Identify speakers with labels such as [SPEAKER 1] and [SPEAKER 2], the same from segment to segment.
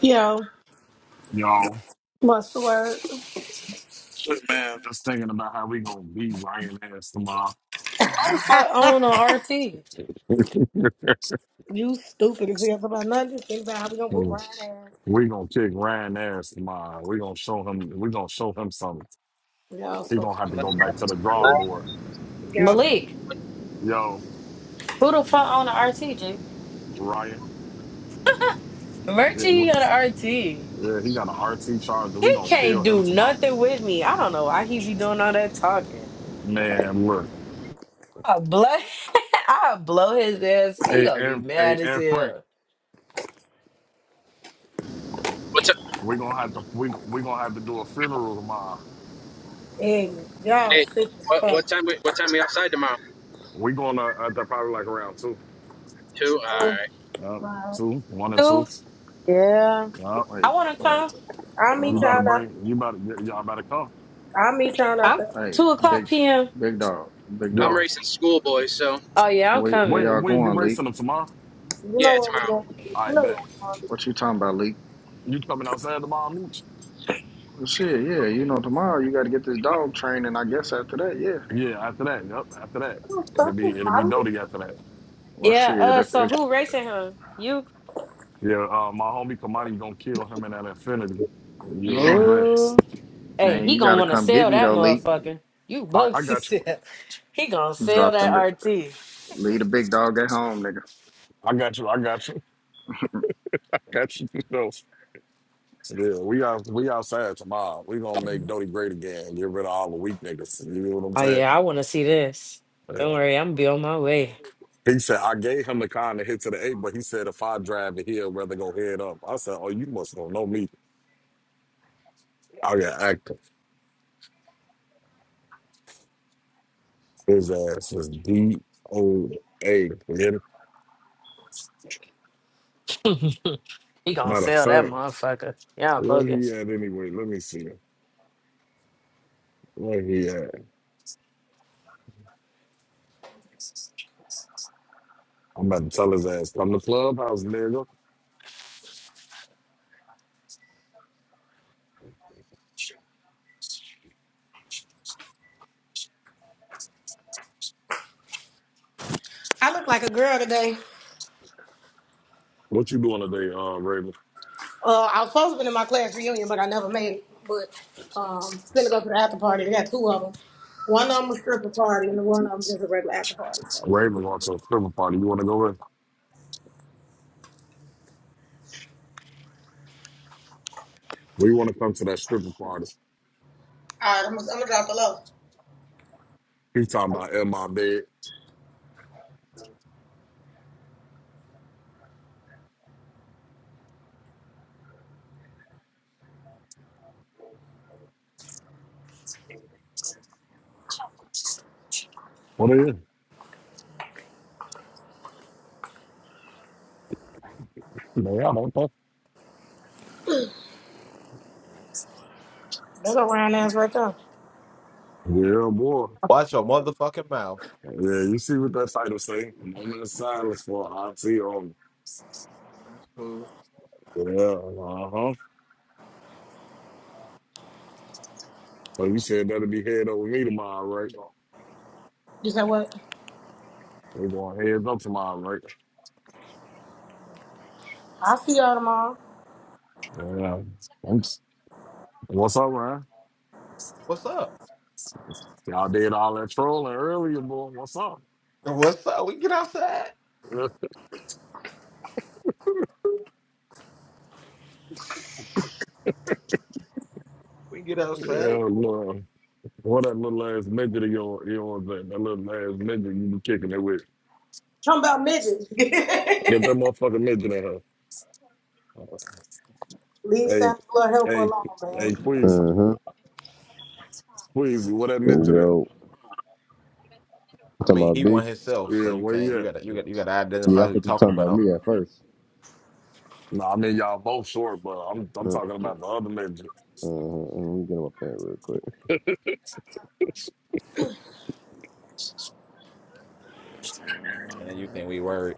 [SPEAKER 1] Yo,
[SPEAKER 2] Yo,
[SPEAKER 1] what's the word?
[SPEAKER 2] man, just thinking about how we gonna beat Ryan ass tomorrow.
[SPEAKER 3] Who the fuck own an RT?
[SPEAKER 2] we
[SPEAKER 1] You stupid as hell about nothing. Just think about how we gonna whoop Ryan ass.
[SPEAKER 2] gonna kick Ryan ass tomorrow. We gonna show him. We gonna show him something.
[SPEAKER 1] Y'all
[SPEAKER 2] He
[SPEAKER 1] so
[SPEAKER 2] gonna have
[SPEAKER 1] fucking
[SPEAKER 2] to go back to the drawing board.
[SPEAKER 1] y'all so
[SPEAKER 3] Malik,
[SPEAKER 2] Yo,
[SPEAKER 3] who the fuck own an RT, G?
[SPEAKER 2] Ryan. Yeah,
[SPEAKER 3] Merchie
[SPEAKER 2] we,
[SPEAKER 3] got an RT. He
[SPEAKER 2] yeah he got an RT charger. We gonna
[SPEAKER 3] can't
[SPEAKER 2] kill him
[SPEAKER 3] do
[SPEAKER 2] tomorrow.
[SPEAKER 3] nothing with me. I don't know why he be doing all that talking.
[SPEAKER 2] Man, look.
[SPEAKER 3] I blow, I blow his ass. He
[SPEAKER 2] Hey,
[SPEAKER 3] gonna be
[SPEAKER 2] and hey,
[SPEAKER 3] mad as
[SPEAKER 2] and Frank.
[SPEAKER 3] hell.
[SPEAKER 4] What's up?
[SPEAKER 2] We gonna have to. We we gonna have to do a funeral tomorrow.
[SPEAKER 1] ignorant. Y'all
[SPEAKER 4] Hey,
[SPEAKER 1] sick as
[SPEAKER 4] what what
[SPEAKER 1] fuck.
[SPEAKER 4] time? We, what time we outside tomorrow?
[SPEAKER 2] We going to uh, they're probably like around two,
[SPEAKER 4] Two. All
[SPEAKER 1] Oh,
[SPEAKER 4] right.
[SPEAKER 2] uh,
[SPEAKER 1] wow.
[SPEAKER 2] two, one and two.
[SPEAKER 3] Two? Yeah.
[SPEAKER 2] Yeah,
[SPEAKER 5] Wait,
[SPEAKER 3] I wanna
[SPEAKER 5] wait,
[SPEAKER 3] come.
[SPEAKER 1] I'll
[SPEAKER 5] hold
[SPEAKER 2] you
[SPEAKER 1] meet
[SPEAKER 5] on.
[SPEAKER 2] better
[SPEAKER 1] y'all out.
[SPEAKER 2] bring. You better. Y- y'all better come.
[SPEAKER 1] I'll meet y'all out
[SPEAKER 3] I'm
[SPEAKER 1] there.
[SPEAKER 5] Hey,
[SPEAKER 3] two
[SPEAKER 2] Uh,
[SPEAKER 5] big,
[SPEAKER 3] o'clock p.m.
[SPEAKER 5] big dog, big
[SPEAKER 4] I'm
[SPEAKER 2] yo,
[SPEAKER 5] dog.
[SPEAKER 4] racing school boys, so
[SPEAKER 3] Oh yeah, I'm
[SPEAKER 5] Where, where
[SPEAKER 3] coming.
[SPEAKER 2] when
[SPEAKER 5] y'all
[SPEAKER 2] when you
[SPEAKER 5] going, Leak?
[SPEAKER 2] racing them tomorrow?
[SPEAKER 1] You know
[SPEAKER 4] yeah,
[SPEAKER 1] what
[SPEAKER 4] tomorrow.
[SPEAKER 1] we gonna do. You
[SPEAKER 2] I
[SPEAKER 1] know what
[SPEAKER 2] bet
[SPEAKER 1] we gonna do.
[SPEAKER 5] What you talking about, Leak?
[SPEAKER 2] you coming outside tomorrow, Mooch?
[SPEAKER 5] Well, shit, yeah. You know, tomorrow you got to get this dog trained, and I guess after that, yeah.
[SPEAKER 2] Yeah, after that. Yep, after that.
[SPEAKER 1] Oh,
[SPEAKER 2] It'll
[SPEAKER 1] fuck this,
[SPEAKER 2] be it'll be
[SPEAKER 1] mama.
[SPEAKER 2] Doty after that.
[SPEAKER 5] Well,
[SPEAKER 3] Yeah.
[SPEAKER 5] shit,
[SPEAKER 3] Uh.
[SPEAKER 5] if
[SPEAKER 3] So
[SPEAKER 5] if
[SPEAKER 3] who racing him? You?
[SPEAKER 2] Yeah, uh, my homie Kamani gonna kill him in that Infinity. You know
[SPEAKER 5] you
[SPEAKER 2] what
[SPEAKER 5] gonna,
[SPEAKER 2] I'm saying?
[SPEAKER 3] Ooh. Hey,
[SPEAKER 5] man,
[SPEAKER 3] he
[SPEAKER 5] you got
[SPEAKER 3] gonna
[SPEAKER 5] to
[SPEAKER 3] wanna
[SPEAKER 5] come get
[SPEAKER 3] sell
[SPEAKER 5] me
[SPEAKER 3] that
[SPEAKER 5] though, Leak.
[SPEAKER 3] motherfucker. You
[SPEAKER 2] I, I
[SPEAKER 3] bugs to
[SPEAKER 2] got you.
[SPEAKER 3] sell. He gonna sell
[SPEAKER 5] Drop
[SPEAKER 3] that
[SPEAKER 5] them. To,
[SPEAKER 3] RT.
[SPEAKER 5] leave the big dog at home, nigga.
[SPEAKER 2] I got you. I got you. I got you. So, yeah, we out we outside tomorrow. We gonna make Doty great again. Get rid of all the weak niggas. You know what I'm
[SPEAKER 3] Oh
[SPEAKER 2] saying?
[SPEAKER 3] yeah, I want to see this.
[SPEAKER 2] Yeah.
[SPEAKER 3] Don't worry, I'm be on my way.
[SPEAKER 2] He said, I gave him the kind to hit to the eight, but he said if I drive it, he'll rather go head up. I said, Oh, you must don't know me. I got active. His ass was D O A. man.
[SPEAKER 3] he gonna
[SPEAKER 2] Matter of
[SPEAKER 3] sell that
[SPEAKER 2] fact,
[SPEAKER 3] motherfucker. Y'all
[SPEAKER 2] where he
[SPEAKER 3] bogus.
[SPEAKER 2] at anyway? Let me see. Where he at? I'm about to tell his ass, come to clubhouse, nigga.
[SPEAKER 1] I look like a girl today.
[SPEAKER 2] What you doing today, uh, Raven?
[SPEAKER 1] Uh, I was supposed to be in my class reunion, but I never made it. But um, finna go to the after party. They got two of them. One of them a stripper party, and the one of them just a regular after party. So, all
[SPEAKER 2] Raven wants a stripper party. You want to go in? We want to come to that stripper party.
[SPEAKER 1] right, I'm gonna, I'm gonna drop below.
[SPEAKER 2] He talking about in my bed. What are you? Man, I don't know.
[SPEAKER 1] They go round ass right there.
[SPEAKER 2] Yeah, boy.
[SPEAKER 6] Watch your motherfucking mouth.
[SPEAKER 2] Yeah, you see what that title say? A Moment of silence for auntie on.
[SPEAKER 6] That's cool.
[SPEAKER 2] Yeah, uh huh. So you said that'll be head over me tomorrow, right?
[SPEAKER 1] You said what?
[SPEAKER 2] We're going heads up tomorrow, right?
[SPEAKER 1] I'll see y'all tomorrow.
[SPEAKER 2] Yeah. Oops. What's up, man?
[SPEAKER 6] What's up?
[SPEAKER 2] Y'all did all that trolling earlier, boy. What's up?
[SPEAKER 6] What's up? We can get outside.
[SPEAKER 2] yeah,
[SPEAKER 6] We can get outside.
[SPEAKER 2] Lord. What that little ass midget of yours, You yours that, that little ass midget you be kicking it with.
[SPEAKER 1] Talking about midgets.
[SPEAKER 2] Get that motherfucking midget in her.
[SPEAKER 1] Leave
[SPEAKER 2] Hey,
[SPEAKER 1] Santa little helper
[SPEAKER 2] hey,
[SPEAKER 1] alone, man.
[SPEAKER 2] hey, Queasy,
[SPEAKER 7] Mm-hmm.
[SPEAKER 2] Queasy, what that midget at?
[SPEAKER 7] Yo, you
[SPEAKER 6] I
[SPEAKER 7] talking
[SPEAKER 6] mean,
[SPEAKER 7] about
[SPEAKER 6] he
[SPEAKER 7] B?
[SPEAKER 6] won himself, so
[SPEAKER 2] Yeah,
[SPEAKER 6] you
[SPEAKER 2] where
[SPEAKER 6] can't.
[SPEAKER 2] you
[SPEAKER 6] You
[SPEAKER 2] at?
[SPEAKER 6] gotta. You got. to You gotta identify
[SPEAKER 7] Yeah, I
[SPEAKER 6] who you're
[SPEAKER 7] thought you were
[SPEAKER 6] talking
[SPEAKER 7] talking about
[SPEAKER 6] about,
[SPEAKER 7] me at 1st
[SPEAKER 2] No, I mean y'all both short, but I'm I'm
[SPEAKER 7] Uh
[SPEAKER 2] talking about the other major.
[SPEAKER 7] Mm-hmm. Let me get him up there real quick.
[SPEAKER 6] and you think we worried.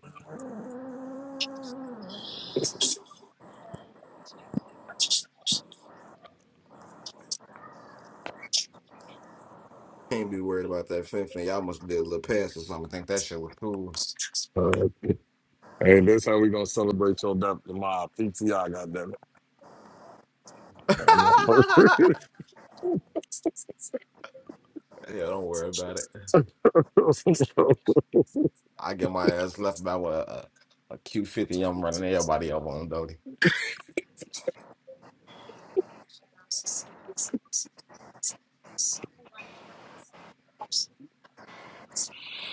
[SPEAKER 6] Can't be worried about that fence thing. Y'all must did a little pass or something. Think that shit was cool.
[SPEAKER 2] Uh, hey, this how we gonna celebrate your death in my PTI, goddamn it.
[SPEAKER 6] yeah,
[SPEAKER 2] I'm on-
[SPEAKER 6] don't worry about it. I get my ass left by what a, a Q fifty. I'm running everybody up on Dodie.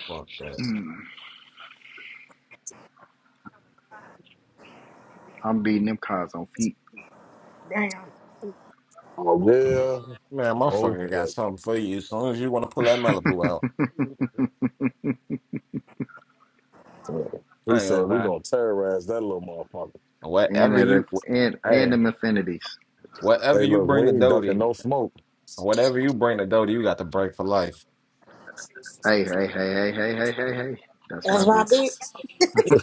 [SPEAKER 6] Fuck that.
[SPEAKER 5] I'm beating them cars on feet.
[SPEAKER 1] Damn.
[SPEAKER 2] oh yeah,
[SPEAKER 6] Man, motherfucker got
[SPEAKER 2] okay.
[SPEAKER 6] something for you. As soon as you want to pull that Malibu out,
[SPEAKER 2] He
[SPEAKER 6] I ain't
[SPEAKER 2] said
[SPEAKER 6] gonna
[SPEAKER 2] we
[SPEAKER 6] lie.
[SPEAKER 2] gonna terrorize that little motherfucker.
[SPEAKER 6] And
[SPEAKER 5] and
[SPEAKER 6] Whatever
[SPEAKER 5] at
[SPEAKER 6] you,
[SPEAKER 5] and
[SPEAKER 6] wh-
[SPEAKER 5] and
[SPEAKER 6] hey,
[SPEAKER 5] them affinities.
[SPEAKER 6] whatever
[SPEAKER 2] Hey,
[SPEAKER 6] you
[SPEAKER 2] look, we
[SPEAKER 6] bring to
[SPEAKER 2] ain't ducking
[SPEAKER 6] Doty,
[SPEAKER 2] no smoke.
[SPEAKER 6] whatever you bring to Doty, you got the break for life.
[SPEAKER 5] Hey, hey, hey, hey, hey, hey, hey, hey. hey. That's my
[SPEAKER 1] That's my
[SPEAKER 5] bitch.
[SPEAKER 1] beat.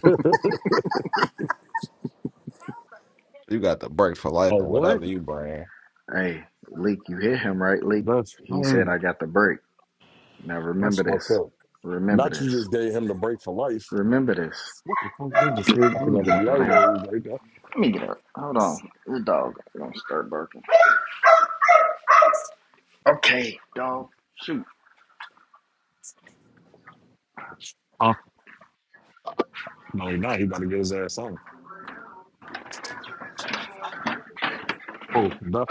[SPEAKER 6] You got the break for
[SPEAKER 2] oh
[SPEAKER 6] life, and
[SPEAKER 2] what?
[SPEAKER 6] whatever you bring.
[SPEAKER 5] Hey, Leek, you hear him, right, Leek?
[SPEAKER 2] That's
[SPEAKER 5] He said,
[SPEAKER 2] crazy.
[SPEAKER 5] I got the break. Now
[SPEAKER 2] That's
[SPEAKER 5] remember
[SPEAKER 2] fucked
[SPEAKER 5] this.
[SPEAKER 2] up.
[SPEAKER 5] Remember
[SPEAKER 2] Not you
[SPEAKER 5] this.
[SPEAKER 2] just gave him the break for life.
[SPEAKER 5] Remember this.
[SPEAKER 2] What the fuck? I'm just here
[SPEAKER 5] Let
[SPEAKER 2] for
[SPEAKER 5] me get up
[SPEAKER 2] another I
[SPEAKER 5] over
[SPEAKER 2] ain't
[SPEAKER 5] of
[SPEAKER 2] know
[SPEAKER 5] here.
[SPEAKER 2] he right
[SPEAKER 5] Let me get up. Hold on. The dog going to start barking. Okay, dog. Shoot.
[SPEAKER 2] Huh? No, he not. He about to get his ass on. Oh, the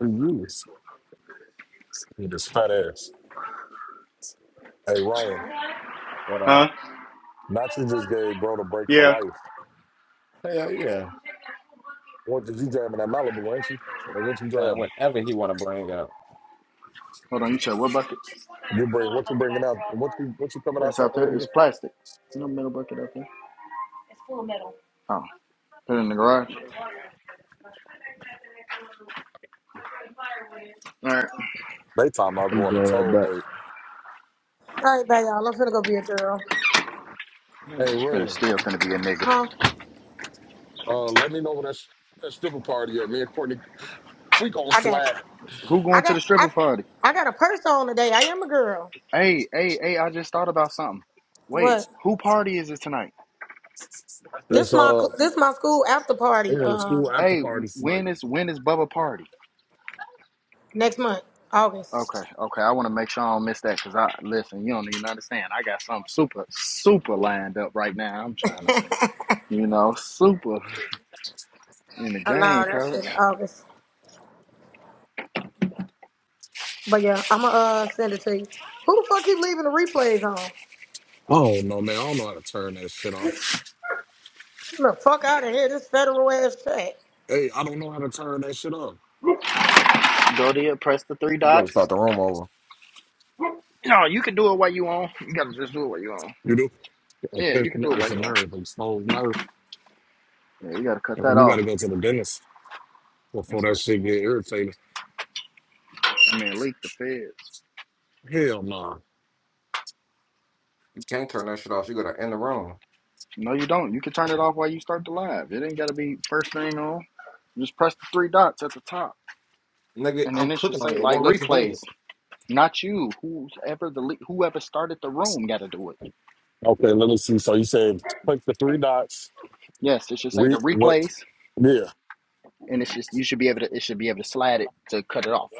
[SPEAKER 2] use. With his fat ass. Hey, Ryan,
[SPEAKER 6] What
[SPEAKER 5] Huh?
[SPEAKER 6] up?
[SPEAKER 2] not you just gave bro the break for
[SPEAKER 5] Yeah.
[SPEAKER 2] life.
[SPEAKER 6] Hell yeah.
[SPEAKER 2] What did you driving that Malibu, ain't you? What you
[SPEAKER 6] Nah,
[SPEAKER 2] driving?
[SPEAKER 6] whatever he want to bring up,
[SPEAKER 5] Hold on. You said what bucket?
[SPEAKER 2] You bring what you bringing out? What you what you coming
[SPEAKER 5] That's
[SPEAKER 2] outside
[SPEAKER 5] out
[SPEAKER 2] with
[SPEAKER 5] there. It's
[SPEAKER 2] again?
[SPEAKER 5] plastic. No metal bucket out there. Oh, put it in the garage. All right.
[SPEAKER 2] They talking about
[SPEAKER 7] I'm
[SPEAKER 2] going to
[SPEAKER 7] going right
[SPEAKER 2] toll
[SPEAKER 7] back.
[SPEAKER 2] gate.
[SPEAKER 1] All right, bye, y'all. I'm finna go be a girl.
[SPEAKER 5] Yeah,
[SPEAKER 2] Hey
[SPEAKER 5] it's
[SPEAKER 2] Ray,
[SPEAKER 5] gonna still gonna be a nigga.
[SPEAKER 1] Huh?
[SPEAKER 2] uh, let me know where that, sh- that stripper party at. Me and Courtney, we gonna
[SPEAKER 1] I got
[SPEAKER 2] slide.
[SPEAKER 1] you.
[SPEAKER 5] Who
[SPEAKER 1] I
[SPEAKER 5] going to
[SPEAKER 1] got
[SPEAKER 5] the
[SPEAKER 1] I
[SPEAKER 5] stripper party?
[SPEAKER 1] I got a purse on today. I am a girl.
[SPEAKER 5] Hey, hey, hey, I just thought about something. Wait,
[SPEAKER 1] What?
[SPEAKER 5] who party is it tonight?
[SPEAKER 1] This
[SPEAKER 2] That's
[SPEAKER 1] my
[SPEAKER 2] uh,
[SPEAKER 1] cl- this my school after party.
[SPEAKER 2] we had a school
[SPEAKER 1] Um,
[SPEAKER 2] after
[SPEAKER 5] Hey,
[SPEAKER 2] party tonight.
[SPEAKER 5] when is when is Bubba party?
[SPEAKER 1] next month, August.
[SPEAKER 5] Okay, okay, I want to make sure I don't miss that because I listen, you don't even understand. I got something super, super lined up right now. I'm trying to, you know, super in the
[SPEAKER 1] Oh, no,
[SPEAKER 5] game,
[SPEAKER 1] that shit in
[SPEAKER 5] coach.
[SPEAKER 1] August. But yeah, I'ma uh send it to you. Who the fuck keep leaving the replays on?
[SPEAKER 2] Oh no, man, I don't know how to turn that shit off.
[SPEAKER 1] Get the fuck out of here. This federal ass track.
[SPEAKER 2] Hey, I don't know how to turn that shit off.
[SPEAKER 5] Go there, press the three
[SPEAKER 6] you to
[SPEAKER 5] dots.
[SPEAKER 6] start the room over.
[SPEAKER 5] No, you can do it while you on. You gotta just do it while you on.
[SPEAKER 2] You do?
[SPEAKER 5] Yeah,
[SPEAKER 2] Okay,
[SPEAKER 5] you can do
[SPEAKER 2] no,
[SPEAKER 5] it
[SPEAKER 2] it's
[SPEAKER 5] while
[SPEAKER 2] a
[SPEAKER 5] you on.
[SPEAKER 2] nerve. It's a whole nerve.
[SPEAKER 5] Yeah, you gotta cut that
[SPEAKER 2] You got
[SPEAKER 5] off.
[SPEAKER 2] to go to the dentist before
[SPEAKER 5] That's the
[SPEAKER 2] that shit get irritated.
[SPEAKER 5] I mean leak the feds.
[SPEAKER 2] Hell no.
[SPEAKER 6] You can't turn that shit off. You gotta end the room,
[SPEAKER 5] No, you don't. You can turn it off while you start the live. It ain't gotta be first thing on. You just press the three dots at the top,
[SPEAKER 6] nigga.
[SPEAKER 5] and
[SPEAKER 6] I'm
[SPEAKER 5] then it should
[SPEAKER 6] clicking on
[SPEAKER 5] say
[SPEAKER 6] it. It
[SPEAKER 5] like
[SPEAKER 6] won't let you do it.
[SPEAKER 5] replays. Not you, whoever the le- whoever started the room got to do it.
[SPEAKER 2] Okay, let me see. So you said click the three dots.
[SPEAKER 5] Yes, it should say
[SPEAKER 2] Read
[SPEAKER 5] the
[SPEAKER 2] what?
[SPEAKER 5] replays,
[SPEAKER 2] Yeah.
[SPEAKER 5] and it's just you should be able to. It should be able to slide it to cut it off.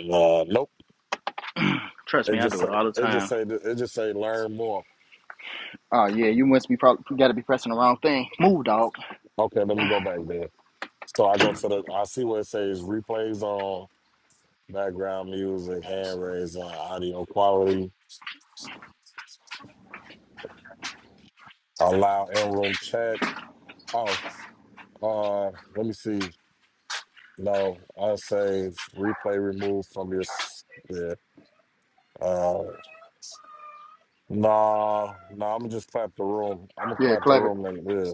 [SPEAKER 2] Uh, nope.
[SPEAKER 5] Trust me,
[SPEAKER 2] It
[SPEAKER 5] I
[SPEAKER 2] just
[SPEAKER 5] do it
[SPEAKER 2] say
[SPEAKER 5] all the
[SPEAKER 2] it just
[SPEAKER 5] time.
[SPEAKER 2] say it just say learn more.
[SPEAKER 5] Oh yeah, you must be probably got to be pressing the wrong thing. Move, dog.
[SPEAKER 2] Okay, let me go back there. So I go to the, I see where it says replays on, background music, hand raise on, audio quality, allow in room chat. Oh, uh, let me see. No, I save replay removed from your. s- Yeah. Uh, nah, nah. I'm gonna just clap the room. I'm gonna
[SPEAKER 5] Yeah,
[SPEAKER 2] clap the
[SPEAKER 5] clever.
[SPEAKER 2] room and yeah.